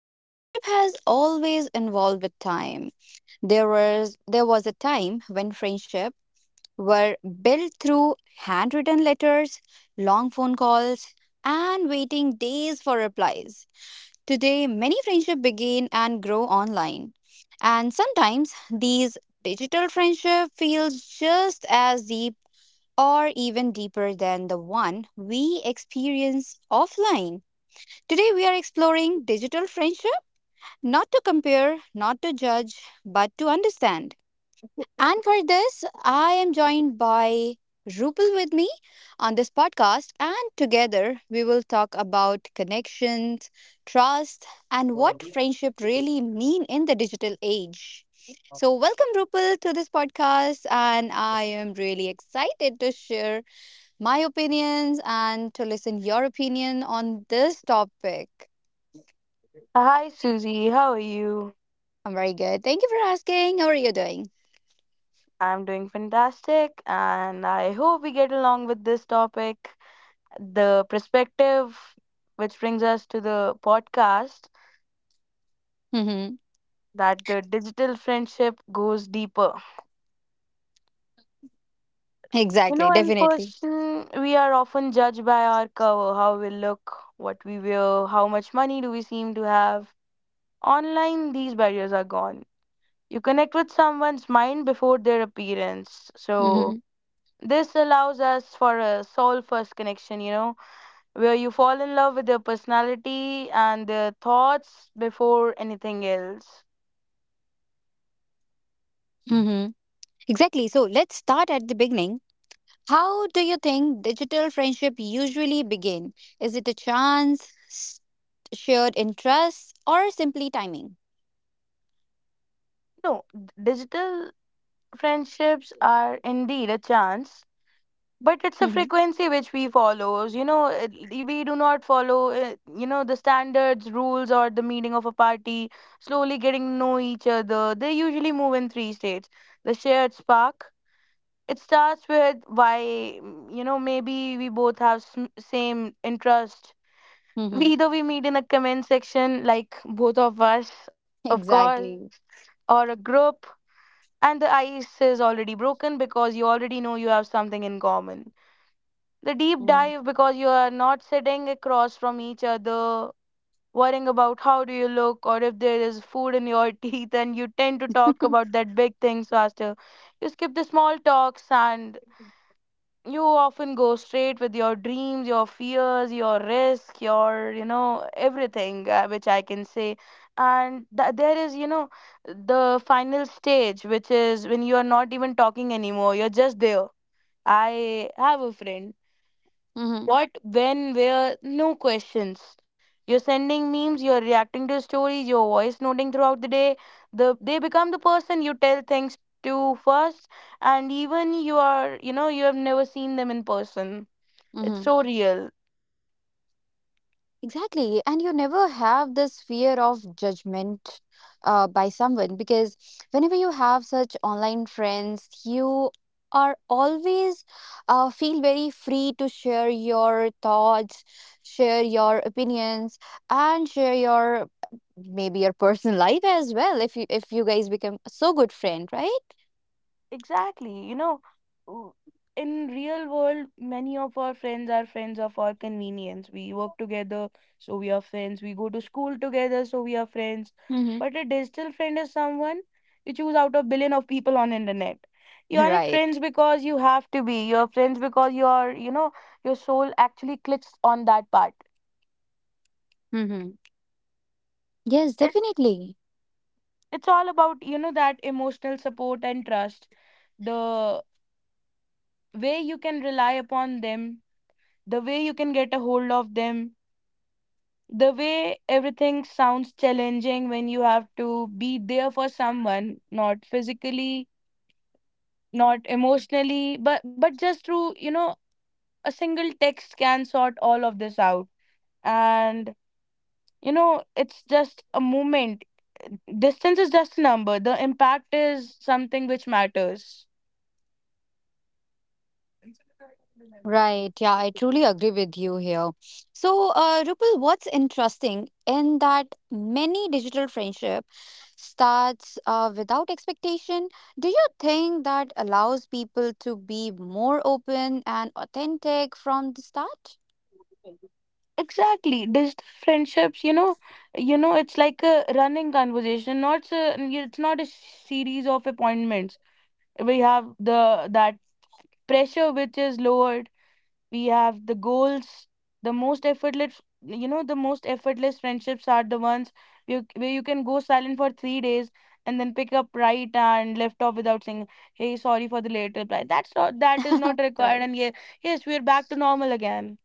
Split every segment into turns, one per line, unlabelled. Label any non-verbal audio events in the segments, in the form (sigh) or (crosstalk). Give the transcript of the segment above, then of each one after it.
So, friendship has always involved with time. There was a time when friendship were built through handwritten letters, long phone calls, and waiting days for replies. Today, many friendships begin and grow online, and sometimes these digital friendship feels just as deep or even deeper than the one we experience offline. Today, we are exploring digital friendship, not to compare, not to judge, but to understand. And for this, I am joined by Rupal with me on this podcast, and together we will talk about connections, trust, and what friendship really mean in the digital age. So, welcome Rupal to this podcast, and I am really excited to share my opinions and to listen your opinion on this topic.
Hi, Susie. How are you?
I'm very good. Thank you for asking. How are you doing?
I'm doing fantastic, and I hope we get along with this topic. The perspective, which brings us to the podcast,
Mm-hmm.
that the digital friendship goes deeper. You
Exactly.
know, in
Definitely.
person, we are often judged by our cover, how we look, what we wear, how much money do we seem to have. Online, these barriers are gone. You connect with someone's mind before their appearance.
Mm-hmm.
This allows us for a soul first connection, you know, where you fall in love with their personality and their thoughts before anything else.
Mm-hmm. Exactly. So let's start at the beginning. How do you think digital friendship usually begin? Is it a chance, shared interests, or simply timing?
No, digital friendships are indeed a chance, but it's a
Mm-hmm.
frequency which we follows. We do not follow, you know, the standards, rules, or the meeting of a party, slowly getting to know each other. They usually move in three states, the shared spark. It starts with why, you know, maybe we both have same interest. We
Mm-hmm.
either we meet in a comment section, like both of us, of course,
Exactly.
or a group, and the ice is already broken because you already know you have something in common. The deep
Mm-hmm.
dive, because you are not sitting across from each other, worrying about how do you look or if there is food in your (laughs) teeth, and you tend to talk about that big things faster. You skip the small talks, and you often go straight with your dreams, your fears, your risk, your, you know, everything, which I can say. And there is, you know, the final stage, which is when you are not even talking anymore, you're just there. I have a friend,
Mm-hmm.
what, when, where, no questions. You're sending memes, you're reacting to stories, your voice noting throughout the day. They become the person you tell things to first. And even you are, you know, you have never seen them in person, it's
(laughs)
so real.
Exactly. And you never have this fear of judgment by someone, because whenever you have such online friends, you are always feel very free to share your thoughts, share your opinions, and share your maybe your (laughs) personal life as well, if you guys become so good friend, right?
Exactly. You know, w- in real world, many of our friends are friends of our convenience. We work together, so we are friends. We go to school together, so we are friends.
Mm-hmm.
But a digital friend is someone you choose out of billion of people on internet.
(laughs)
You are not
Right.
friends because you have to be. You're friends because your, you know, your soul actually clicks on that part.
Mm-hmm. Yes,
It's
definitely.
it's all about, you know, that emotional support and trust. The way you can rely upon them, the way you can get a hold of them, the way everything sounds challenging when you have to be there for someone, not physically, not emotionally, but just through, you know, a single text can sort all of this out. And you know, it's just a moment. Distance is just a number. The impact is something which matters.
Right. Yeah, I truly agree with you here. So, Rupal, what's interesting in that many digital friendship starts without expectation. Do you think that allows people to be more open and authentic from the start?
Exactly. Digital friendships, you know, it's like a running conversation, not a, it's not a series of appointments. We have the that pressure which is lowered. We have the goals. The most effortless, you know, the most effortless friendships are the ones you, where you can go silent for 3 days and then pick up right and left off without saying, "Hey, sorry for the late reply." That is not
(laughs)
required,
Right.
and yeah, yes, we are back to normal again.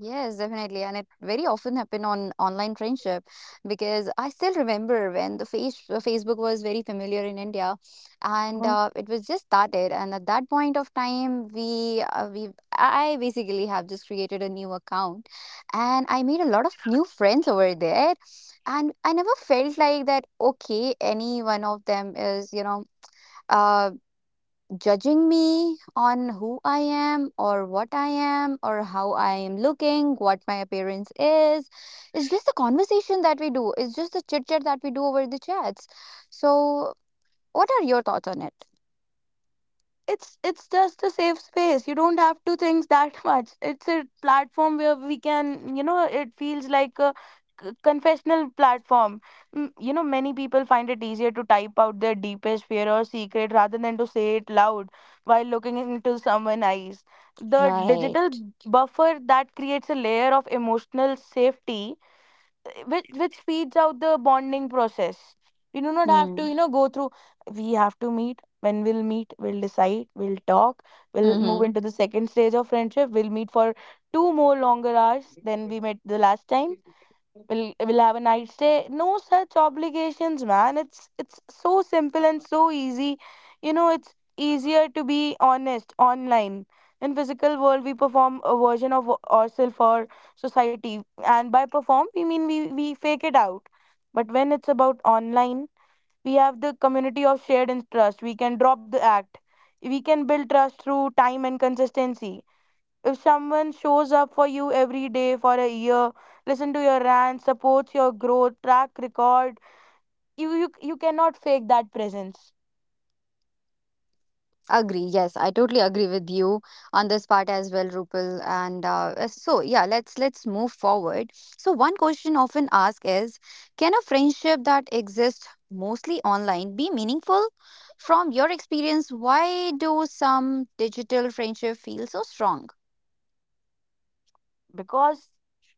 Yes, definitely. And it very often happened on online friendship, because I still remember when the Facebook was very familiar in India, and it was just started. And at that point of time, I basically have just created a new account, and I made a lot of new friends over there. And I never felt like that, okay, any one of them is, uh, judging me on who I am or what I am or how I am looking, what my appearance is. It's just the conversation that we do, it's just the chit chat that we do over the chats. So, what are your thoughts on it?
It's just a safe space. You don't have to think that (laughs) much. It's a platform where we can, you know, it feels like a confessional platform. You know, many people find it easier to type out their deepest fear or secret rather than to say it loud while looking into someone's eyes. The
Right.
digital buffer that creates a layer of emotional safety, which speeds out the bonding process. We do not have to,
Hmm.
you know, go through. We have to meet. When we'll meet, we'll decide. We'll talk. We'll move
Mm-hmm.
into the second stage of friendship. We'll meet for two more longer hours than we met the last time. We'll have a night stay, no such obligations, man. It's so simple and so easy. You know, it's easier to be honest online. In physical world, we perform a version of ourselves for society. And by perform we mean we fake it out. But when it's about online, we have the community of shared interest, we can drop the act, we can build trust through time and consistency. If someone shows up for you every day for a year, listen to your rant, supports your growth, track record, you cannot fake that presence.
Agree. Yes, I totally agree with you on this part as well, Rupal. And so, yeah, let's move forward. So, one question often asked is, can a friendship that exists mostly online be meaningful? From your experience, why do some digital friendship feel so strong?
Because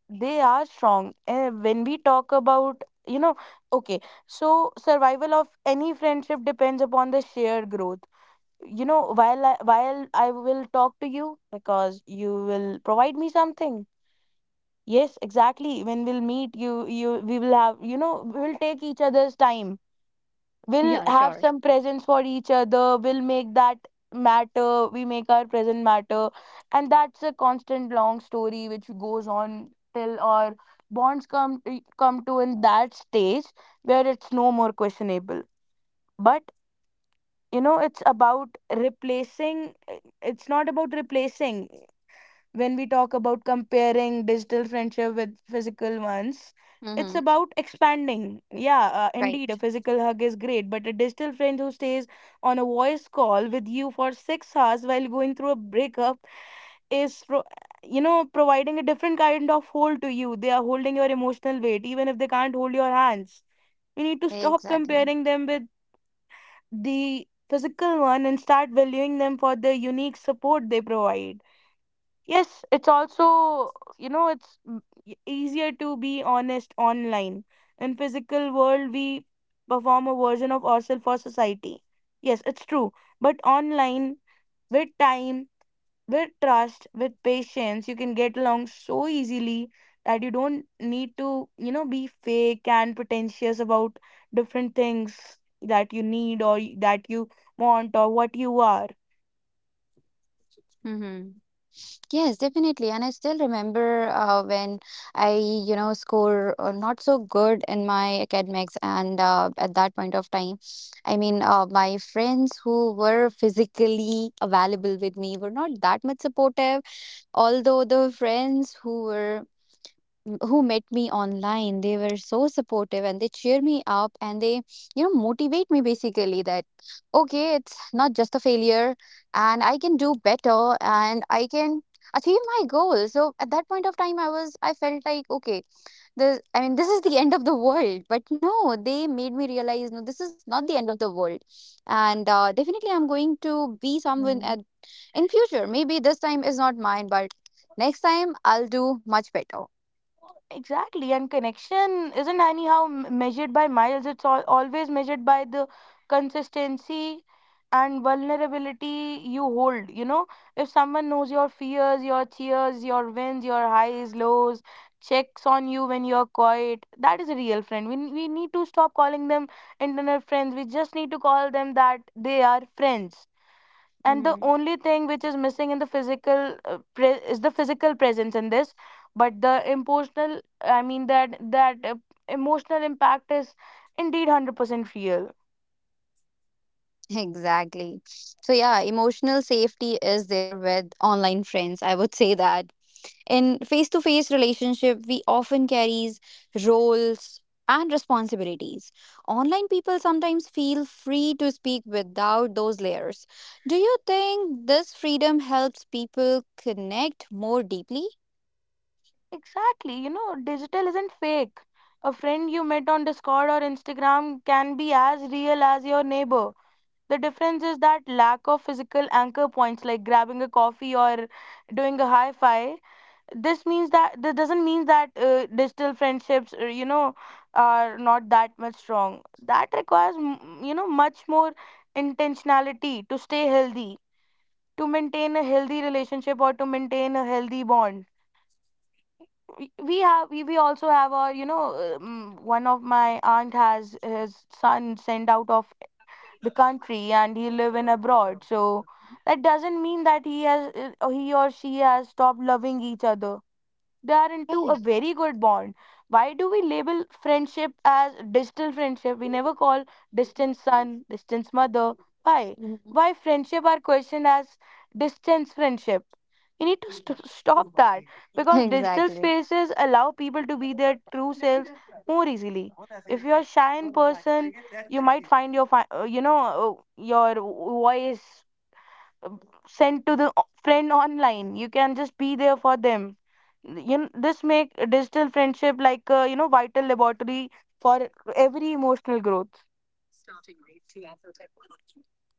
they are strong. And when we talk about, you know, okay, so survival of any friendship depends upon the shared growth. You know, while I will talk to you because you will provide me something. Yes, exactly, when we'll meet, you we will have, you know, we will take each other's time, we'll
Yeah,
have
sure.
some presents for each other, we'll make that matter, we make our present matter. And that's a constant long story which goes on till our bonds come to in that stage where it's no more questionable. But you know, it's about replacing, it's not about replacing. When we talk about comparing digital friendship with physical ones, it's
Mm-hmm.
about expanding. Yeah, indeed a
Right.
physical hug is great, but a digital friend who stays on a voice call with you for 6 hours while going through a breakup is you know, providing a different kind of hold to you. They are holding your emotional weight even if they can't hold your hands. We need to stop
Exactly.
comparing them with the physical one and start valuing them for the unique support they provide. Yes, it's also, you know, it's easier to be honest online. In physical world, we perform a version of ourselves for society. Yes, it's true. But online, with time, with trust, with patience, you can get along so easily that you don't need to, you know, be fake and pretentious about different things that you need, that you want, or what you are.
Mm-hmm. Yes, definitely. And I still remember when I score not so good in my academics. And at that point of time, I mean, my friends who were physically available with me were not that much supportive. Although the friends who met me online, they were so supportive, and they cheer me up, and they motivate me, basically that, okay, it's not just a failure, and I can do better, and I can achieve my goal. So at that point of time, I felt like, okay, this, I mean, this is the end of the world. But no, they made me realize, no, this is not the end of the world. And definitely I'm going to be someone in future. Maybe this time is not mine, but next time I'll do much better.
Exactly, and connection isn't anyhow measured by miles, always measured by the consistency and vulnerability you hold. You know, if someone knows your fears, your tears, your wins, your highs, lows, checks on you when you're quiet, that is a real friend. We need to stop calling them internet friends, we just need to call them that they are friends. And the
Mhm.
only thing which is missing in the physical is the physical presence in this, but the emotional, I mean, that that emotional impact is indeed 100% real.
Exactly. So, yeah, emotional safety is there with online friends. I would say that in face to face relationship, we often carries roles and responsibilities. Online people sometimes feel free to speak without those layers. Do you think this freedom helps people connect more deeply?
Exactly, you know, digital isn't fake. A friend you met on Discord or Instagram can be as real as your neighbor. The difference is that lack of physical anchor points, like grabbing a coffee or doing a hi-fi. This means that, this doesn't mean that, digital friendships, you know, are not that much strong, that requires, you know, much more intentionality to stay healthy, to maintain a healthy relationship or to maintain a healthy bond. We also have our, you know, one of my aunt has his son sent out of the country and he live in abroad. So that doesn't mean that he has, he or she has stopped loving each other. They are into a
Right.
very good bond. Why do we label friendship as digital friendship? We never call distance son, distance mother. Why?
Mhm.
Why friendship are questioned as distance friendship? You need to stop that,
(laughs)
because digital
Exactly.
spaces allow people to be their true selves more easily. If you're a shy in person, you might find your you know, your voice, um, sent to the friend online, you can just be there for them. You know, this make digital friendship like a, you know, vital laboratory for every emotional growth.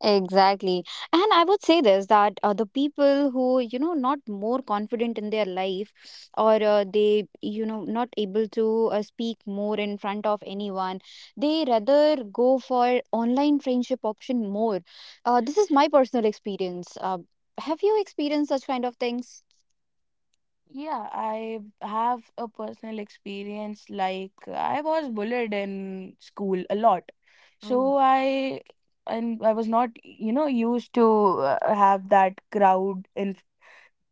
Exactly. And I would say this that the people who, not more confident in their life, or they, not able to speak more in front of anyone, they rather go for online friendship option more. This is my personal experience. Have you experienced such kind of things?
Yeah, I have a personal experience, like I was bullied in school a lot.
Oh.
So I, and I was not, you know, used to, have that crowd in,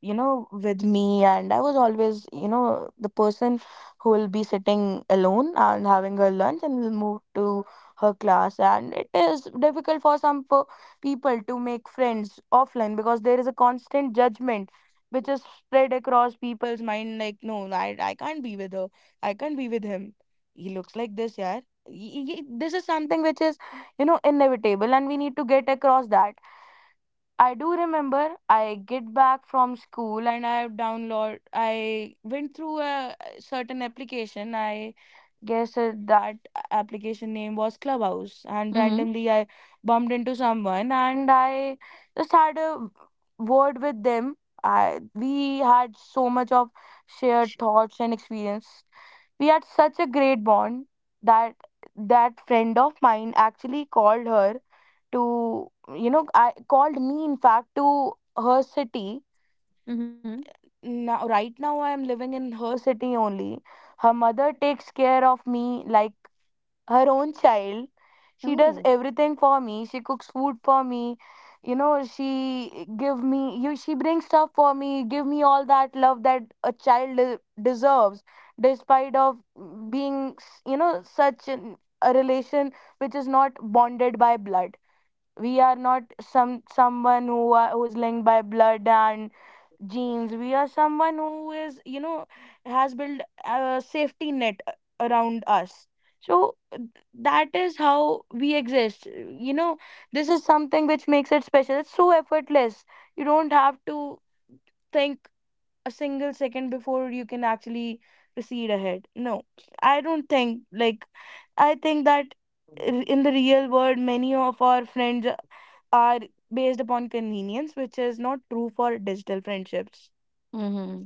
you know, with me. And I was always, you know, the person who will be sitting alone and having her lunch and will move to her class. And it is difficult for some people to make friends offline, because there is a constant judgment which is spread across people's mind, like, no, I can't be with her. I can't be with him. He looks like this, yeah. This is something which is, you know, inevitable, and we need to get across that. I do remember I get back from school and I went through a certain application. I guess that application name was Clubhouse, and
Mm-hmm.
randomly I bumped into someone and I just had a word with them. I We had so much of shared thoughts and experience. We had such a great bond that that friend of mine actually called her to I called me in fact to her city.
Mm-hmm.
Now right now I am living in her city only. Her mother takes care of me like her own child. She does
Oh.
everything for me, she cooks food for me, she give me you she brings stuff for me, give me all that love that a child deserves, despite of being such a relation which is not bonded by blood. We are not someone who are, who's linked by blood and genes. We are someone who is you know has built a safety net around us. So that is how we exist, you know this is something which makes it special. It's so effortless, you don't have to think a single second before you can actually proceed ahead. No, I don't think like I think that in the real world many of our friends are based upon convenience, which is not true for digital friendships.
Mm-hmm.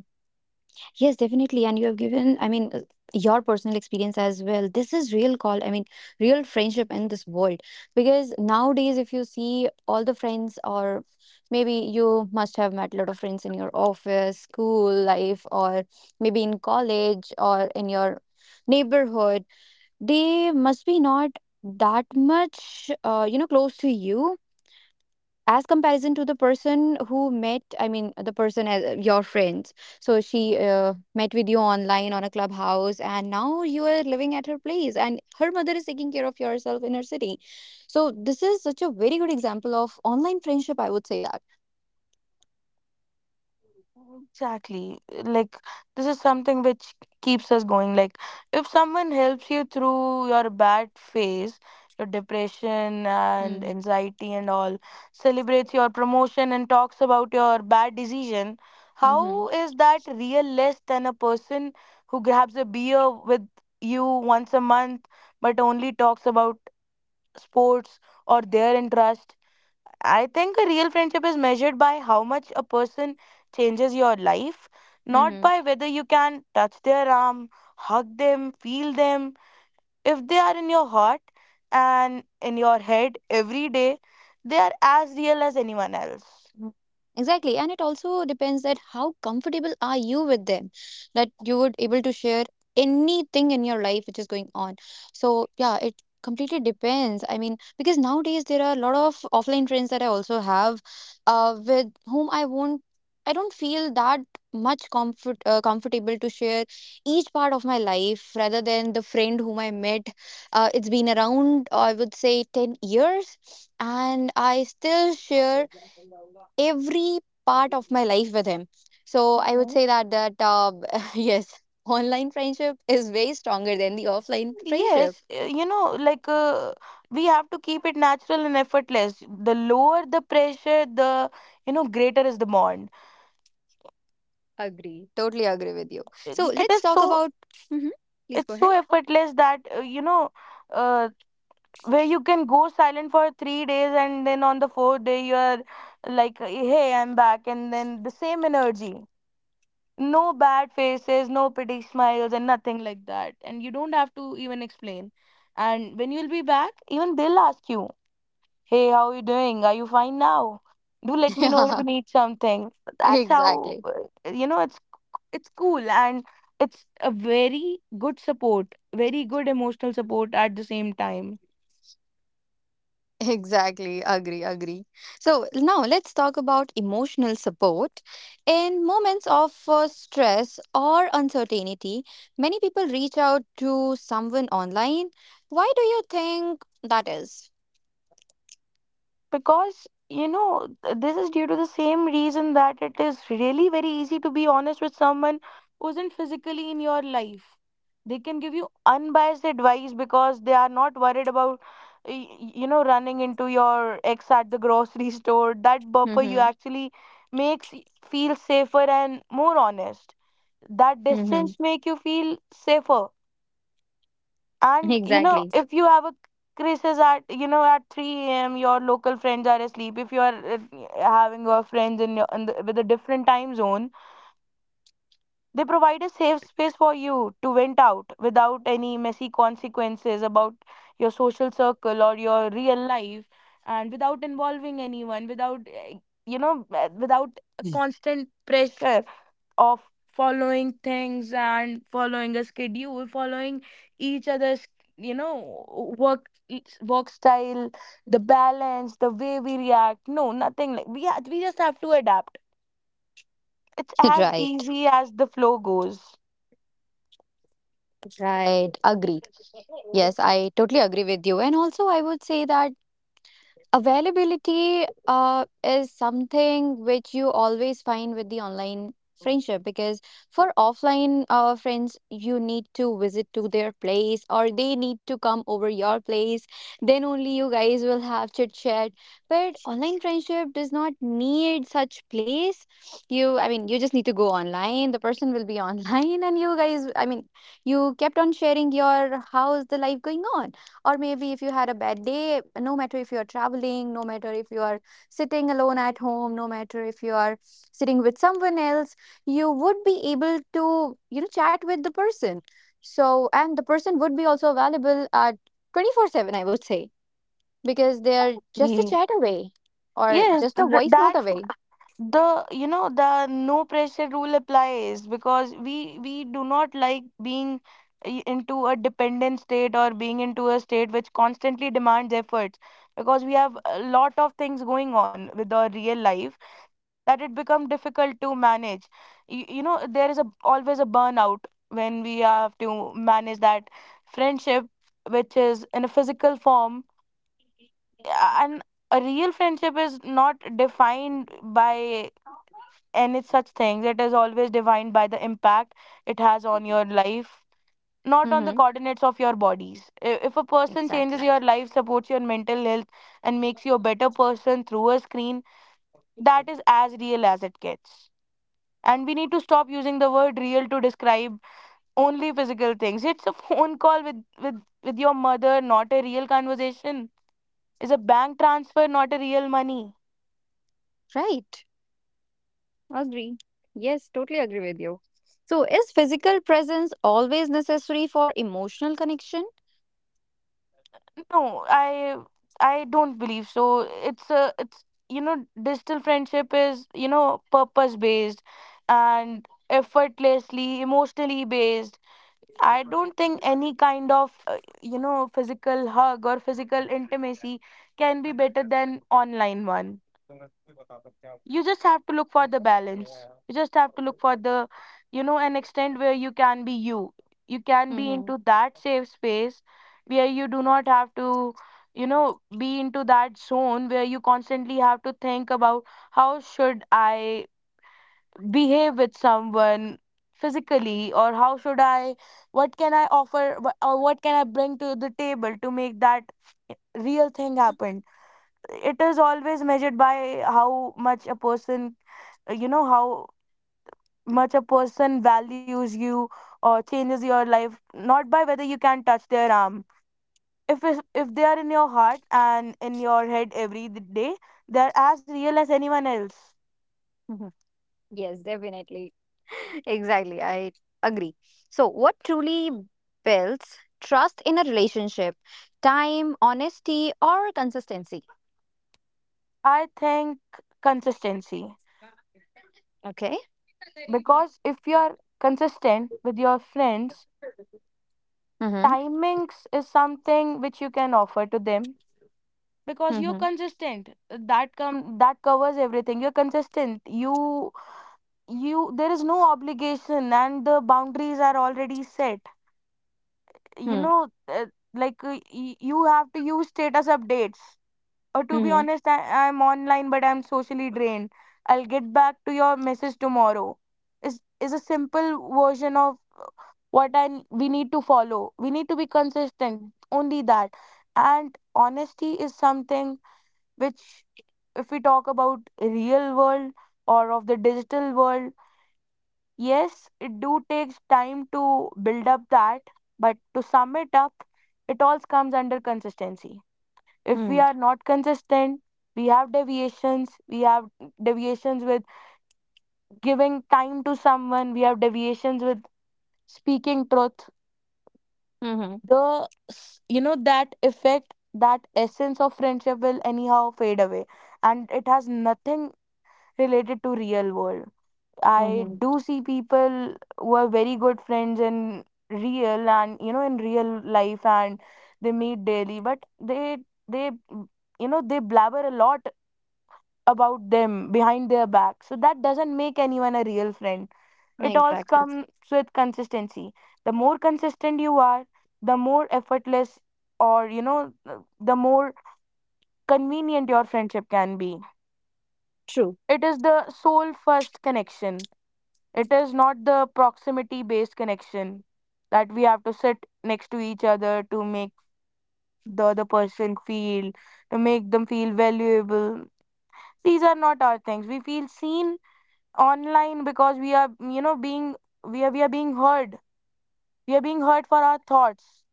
Yes, definitely. And you have given, I mean, your personal experience as well. This is real call, I mean, real friendship in this world. Because nowadays, if you see all the friends, or maybe you must have met a lot of friends in your office, school life, or maybe in college or in your neighborhood, they must be not that much, close to you as comparison to the person who met, I mean, the person as your friends. So she met with you online on a clubhouse, and now you are living at her place and her mother is taking care of yourself in her city. So this is such a very good example of online friendship, I would say that.
Exactly. Like, this is something which keeps us going. Like, if someone helps you through your bad phase, your depression and
Mm-hmm.
anxiety and all, celebrates your promotion and talks about your bad decision,
Mm-hmm.
how is that real less than a person who grabs a beer with you once a month but only talks about sports or their interest. I think a real friendship is measured by how much a person changes your life, not by whether you can touch their arm, hug them, feel them. If they are in your heart and in your head every day, they are as real as anyone else.
Mhm. Exactly, and it also depends that how comfortable are you with them, that you would able to share anything in your life which is going on. So yeah, it completely depends. I mean, because nowadays there are a lot of offline friends that I also have, with whom I won't, I don't feel that much comfortable to share each part of my life rather than the friend whom I met. It's been around, I would say, 10 years, and I still share every part of my life with him. So I would
Mhm.
say that (laughs) yes, online friendship is way stronger than the offline friendship.
Yes, you know, we have to keep it natural and effortless. The lower the pressure, the, greater is the bond.
Agree. Totally agree with you. So
It
let's
is
talk
so
about (laughs) hmm Please go
it's so
ahead.
effortless that uh. where you can go silent for 3 days and then on the fourth day you're like, hey, I'm back, and then the same energy, no bad faces, no pretty smiles and nothing like that, and you don't have to even explain. And when you'll be back, even they'll ask you, hey, how are you doing, are you fine now, do let
(laughs)
me know if you
Yeah,
need something. That's how
exactly.
you know it's it's cool and it's a very good support, very good emotional support at the same time.
Exactly. Agree, agree. So now let's talk about emotional support. In moments of stress or uncertainty, many people reach out to someone online. Why do you think that is?
Because, you know, this is due to the same reason that it is really very easy to be honest with someone who isn't physically in your life. They can give you unbiased advice because they are not worried about, you know, running into your ex at the grocery (laughs) store. That buffer you
Mm-hmm.
actually makes feel safer and more honest. That
Mm-hmm.
distance make you feel safer. And you know,
Exactly.
if you have a crisis at at 3 a.m., your local friends are asleep. If you are having your friends in with a different time zone, they provide a safe space for you to vent out without any messy consequences about your social circle or your real life, and without involving anyone, without without a constant pressure of following things and following a schedule, following each other's work work style, the balance, the way we react. No, nothing like we just have to adapt. It's
(laughs)
as
Right.
easy as the flow goes.
Right. Agree. Yes, I totally agree with you. And also, I would say that availability is something which you always find with the online friendship, because for offline friends, you need to visit to their place or they need to come over your place. Then only you guys will have chit chat. But online friendship does not need such place. You, I mean, you just need to go online. The person will be (laughs) online, and you guys, I mean, you kept on sharing your how's the life going on, or maybe if you had a bad day, no matter if you are traveling, no matter if you are sitting alone at home, no matter if you are sitting with someone else, you would be able to chat with the person. So, and the person would be also available at 24/7, I would say, because they're just a
Ye-
chat away or
yes,
just a voice
that
note away.
the the no pressure rule applies because we do not like being into a dependent state or being into a state which constantly demands efforts, because we have a lot of things going on with our real life, that it become difficult to manage. You know there is a always a burnout when we have to manage that friendship which is in a physical form. eh, and a real friendship is not defined by and it's such things. It is always defined by the impact it has on your life, not on the
Mm-hmm.
coordinates of your bodies. If a person changes
Exactly.
your life, supports your mental health, and makes you a better person through a screen, that is as real as it gets. And we need to stop using the word real to describe only physical things. It's a (laughs) phone call with with your mother, not a real conversation. Is a bank transfer not a real money.
Right. Agree. Yes, totally agree with you. So is physical presence always necessary for emotional connection?
No, I don't believe so. It's a it's you know digital friendship is purpose based and effortlessly emotionally based. I don't think any kind of you know physical hug or physical intimacy can be better than online one. You just have to look for the balance, you just have to look for the an extent where you can be you can be
Mm-hmm.
into that safe space where you do not have to be into that zone where you constantly have to think about how should I behave with someone physically, or how should I, what can I offer wh- or what can I bring to the table to make that real thing happen. It is always measured by how much a person how much a person values you or changes your life, not by whether you can touch their arm. If they are in your heart and in your head every day, they are as real as anyone else.
Mhm. Yes, definitely. (laughs) Exactly. I agree. So, what truly builds trust in a relationship? Time, honesty, or consistency?
I think consistency,
Okay.
because if you are consistent with your friends,
Mm-hmm.
timings is something which you can offer to them because you're
Mm-hmm.
consistent. That covers everything. You're consistent, you there is no obligation and the boundaries are already set. you
Mm-hmm.
know uh, you have to use status updates. Or to be
Mm-hmm.
honest, I'm online but I'm socially drained, I'll get back to your message tomorrow, is a simple version of what we need to follow. We need to be consistent, only that. And honesty is something which, if we talk about real world or of the digital world, yes it do takes time to build up that. But to sum it up, it all comes under consistency. If we
Hmm.
are not consistent, we have deviations with giving time to someone, we have deviations with speaking truth.
Mm-hmm.
The that effect, that essence of friendship will anyhow fade away, and it has nothing related to real world. I
Mm-hmm.
do see people who are very good friends in real, and you know in real life, and they meet daily, but they they blabber a lot about them behind their back. So that doesn't make anyone a real friend. It all
Exactly.
comes with consistency. The more consistent you are, the more effortless, or the more convenient your friendship can be.
True.
It is the soul first connection. It is not the proximity based connection that we have to sit next to each other to make the other person feel, to make them feel valuable. These are not our things. We feel seen online because we are being heard. We are being heard for our thoughts,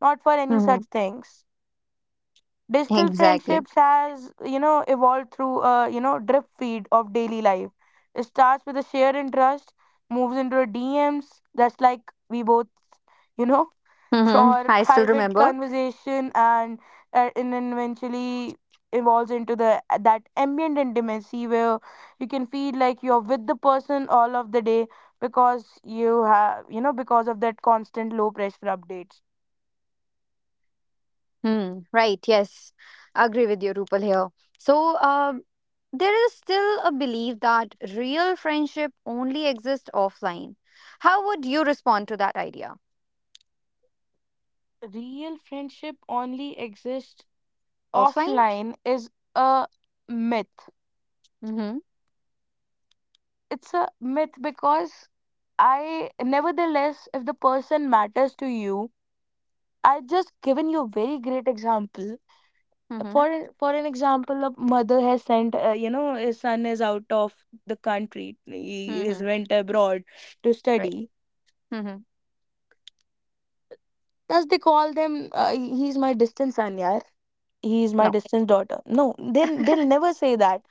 not for any
Mm-hmm.
such things. Digital
Exactly.
friendships has evolved through a drip feed of daily life. It starts with a shared interest, moves into a DMs, that's like we both you know (laughs)
Mm-hmm.
for
I still
private
remember.
conversation, and then eventually evolves into the that ambient intimacy where you can feel like you're with the person all of the day because you have because of that constant low pressure updates.
Hmm. Right. Yes. Agree with you, Rupal here. So, there is still a belief that real friendship only exists offline. How would you respond to that idea?
Real friendship only exists
Offline?
offline is a myth.
Mm-hmm.
It's a myth because I, nevertheless, if the person matters to you, I just given you a very great example.
Mm-hmm.
For for an example, a mother has sent, you know, his son is out of the country, he
Mm-hmm.
has went abroad to
Right.
study.
Mm-hmm.
Does they call them? He's my distant son, yeah. He's my
No.
distant daughter. No, they'll never say that.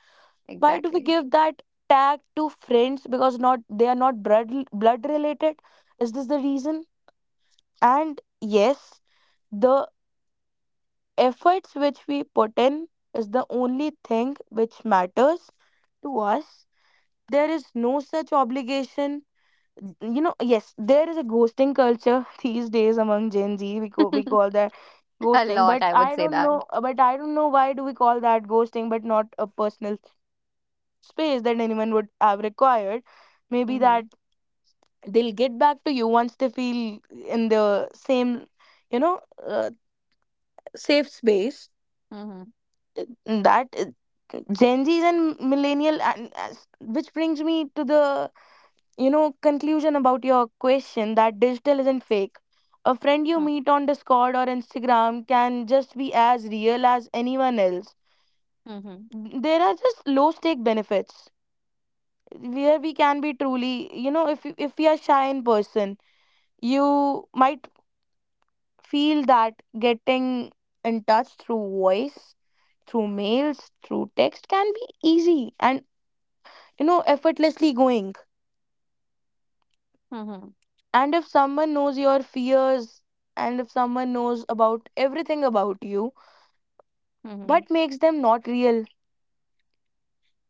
Why do we
Exactly.
give that tag to friends because not they are not blood related? Is this the reason? And yes, the efforts which we put in is the only thing which matters to us. There is no such obligation, you know. Yes, there is a ghosting culture (laughs) these days among Gen Z, we call that
(laughs) A
ghosting,
lot,
but
I
I
would say
don't
that.
know, but I don't know why do we call that ghosting but not a personal space that anyone would have required. Maybe that
Mm-hmm.
they'll get back to you once they feel in the same, you know, uh, safe space.
Mm-hmm.
Uh, That Gen Zs and millennial, and as, which brings me to the conclusion about your question that digital isn't fake. A friend you
Mm.
meet on Discord or Instagram can just be as real as anyone else.
Mm-hmm.
There are just low stake benefits, where we can be truly if if we are shy in person you might feel that getting in touch through voice, through mails, through text can be easy and effortlessly going.
Mm-hmm.
And if someone knows your fears, and if someone knows about everything about you,
Mm-hmm.
what makes them not real?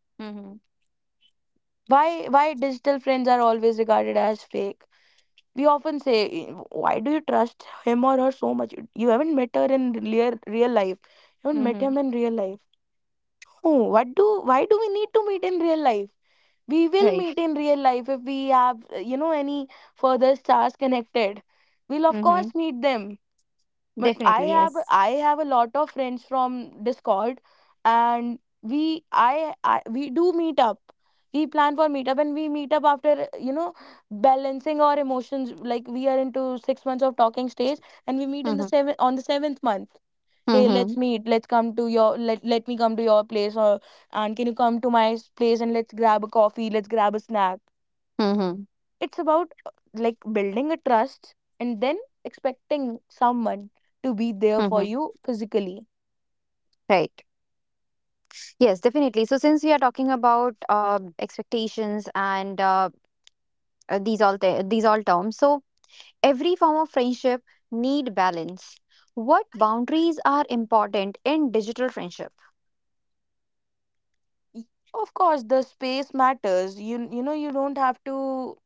Mm-hmm.
why why digital friends are always regarded as fake? We often say, "Eh, why do you trust him or her so much? You haven't met her in real, real life, you haven't met
Mm-hmm.
him in real life." Oh, what do why do we need to meet in real life? We will
Right.
meet in real life if we have any further stars connected, we'll of
Mm-hmm.
course meet them. But i
Definitely,
have
yes.
i have a lot of friends from Discord, and we I we do meet up. We plan for meetup and we meet up after, you know, balancing our emotions. Like we are into 6 months of talking stage, and we meet in
Mm-hmm.
the seventh month. Hey, let's
Mm-hmm.
meet, let me come to your place, or and can you come to my place, and let's grab a coffee, let's grab a snack.
Mm-hmm.
It's about like building a trust, and then expecting someone to be there for
Mm-hmm.
you physically.
Right. Yes, definitely. So, since we are talking about expectations and these all terms, so every form of friendship need balance. What boundaries are important in digital friendship?
Y- Of course, the space matters. You know you don't have to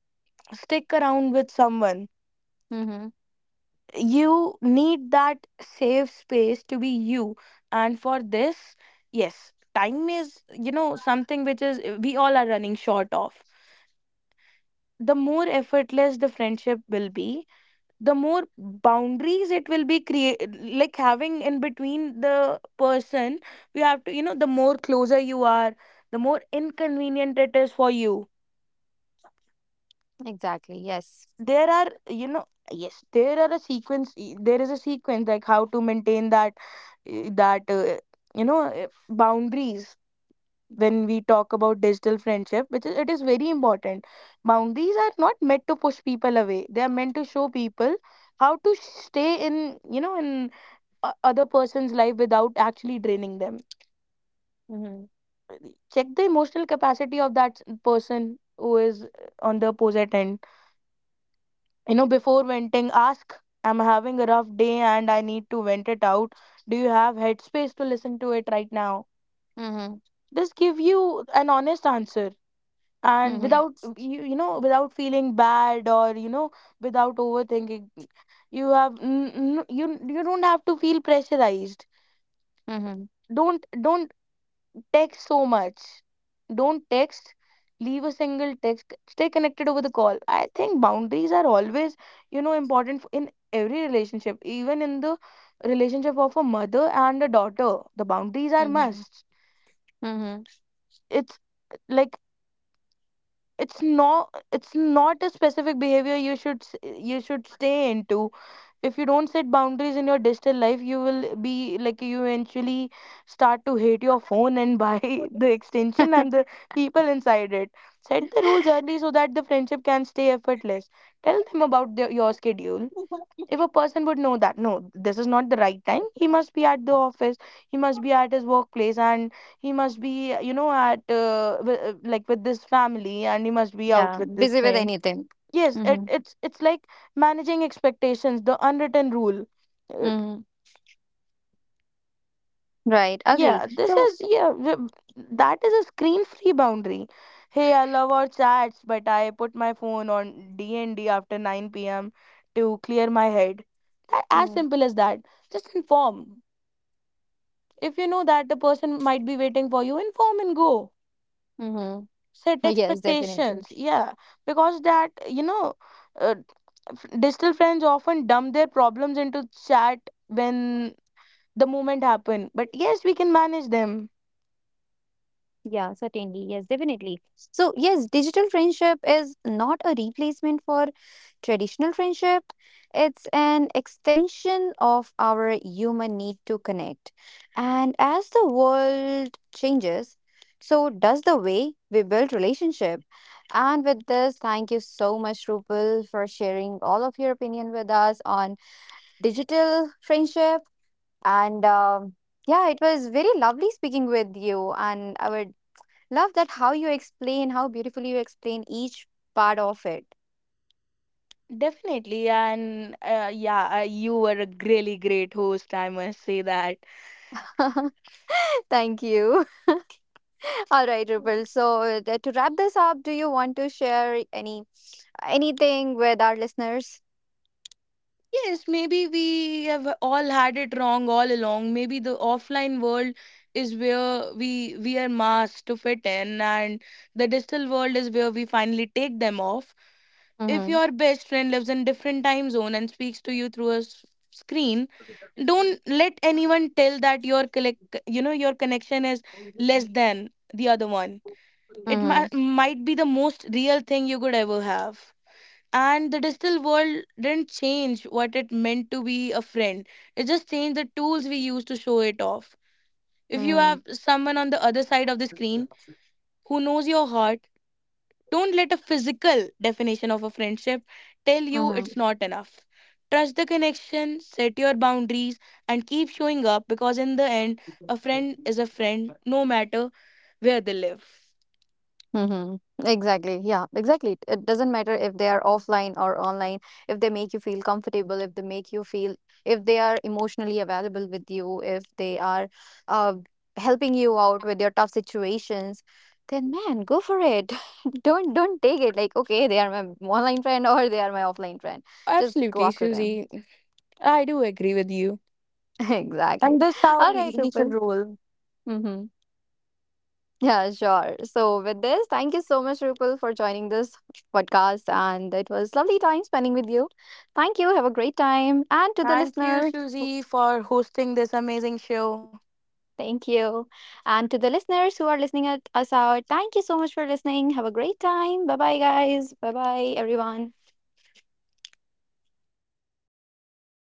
stick around with someone.
Mm-hmm.
You need that safe space to be you. And for this, yes, time is, you know, something which is we all are running short of. The more effortless the friendship will be, the more boundaries it will be create, like having in between the person. You have to, you know, the more closer you are, the more inconvenient it is for you.
Exactly. Yes.
There are, you know, yes, there are a sequence there is a sequence like how to maintain that eh, that uh, boundaries when we talk about digital friendship, which is it is very important. Boundaries are not meant to push people away, they are meant to show people how to stay in, you know, in other person's life without actually draining them.
Mm-hmm.
Check the emotional capacity of that person who is on the opposite end. You know, before venting, ask, "I'm having a rough day and I need to vent it out. Do you have headspace to listen to it right now?"
Mm-hmm.
This give you an honest answer, and
Mm-hmm.
without you, you know, without feeling bad, or, you know, without overthinking. You have you don't have to feel pressurized.
Mm-hmm.
Don't text so much. Don't text. Leave a single text. Stay connected over the call. I think boundaries are always, you know, important in every relationship, even in the relationship of a mother and a daughter. The boundaries are
Mm-hmm.
must.
Mm-hmm.
It's like, it's not, it's not a specific behavior you you should stay into. If you don't set boundaries in your digital life, you will be, like, you eventually start to hate your phone and buy (laughs) the extension and the people inside it. Set the rules early so that the friendship can stay effortless. Tell them about your schedule. If a person would know that, no, this is not the right time, he must be at the office, he must be at his workplace, and he must be, you know, at like with this family, and he must be out
Yeah.
with this
Busy with
friend.
anything.
Yes, it,
Mm-hmm.
it's it's like managing expectations, the unwritten rule. uh,
Mm-hmm. Right. Agree.
yeah, this
So.
is yeah, that is a screen free boundary. Hey, I love our chats, but I put my phone on d&d after 9 p.m. to clear my head. As simple as that, just inform. If you know that the person might be waiting for you, inform and go.
Mm-hmm.
Set
Yes, definitely.
expectations. Yeah, because that, you know, uh, digital friends often dump their problems into chat when the moment happen. But yes, we can manage them.
Yeah, certainly. Yes, definitely. So, yes, digital friendship is not a replacement for traditional friendship. It's an extension of our human need to connect. And as the world changes, so does the way we build relationship. And with this, thank you so much, Rupal, for sharing all of your opinion with us on digital friendship. And yeah, it was very lovely speaking with you, and I would love that how you explain, how beautifully you explain each part of it.
Definitely, and yeah, you were a really great host, I must say that.
(laughs) Thank you. (laughs) All right, Rupal. So to wrap this up, do you want to share anything with our listeners?
Yes, maybe we have all had it wrong all along. Maybe the offline world is where we wear masks to fit in, and the digital world is where we finally take them off. If
Mm-hmm.
your best friend lives in different time zone and speaks to you through a screen, don't let anyone tell that you know, your connection is less than the other one. It mi-
Mm-hmm.
might be the most real thing you could ever have. And the digital world didn't change what it meant to be a friend, it just changed the tools we use to show it off. If you
Mm-hmm.
have someone on the other side of the screen who knows your heart, don't let a physical definition of a friendship tell you it's not enough. Trust the connection, set your boundaries, and keep showing up, because in the end, a friend is a friend no matter where they live.
Mm-hmm. Exactly. Yeah, exactly. It doesn't matter if they are offline or online, if they make you feel comfortable, if they make you feel, if they are emotionally available with you, if they are uh, helping you out with your tough situations, then man, go for it. (laughs) Don't take it like, okay, they are my online friend or they are my offline friend. Just go
Absolutely,
after them.
Susie. I do agree with you.
(laughs) Exactly.
And that's how
All right,
we
Rupal.
should roll.
Mm-hmm. Yeah, sure. So, with this, thank you so much, Rupal, for joining this podcast. And it was lovely time spending with you. Thank you. Have a great time. And to the
Thank you,
listener,
Susie, for hosting this amazing show.
thank you. And to the listeners who are listening at us out, thank you so much for listening. Have a great time. Bye bye, guys. Bye bye, everyone.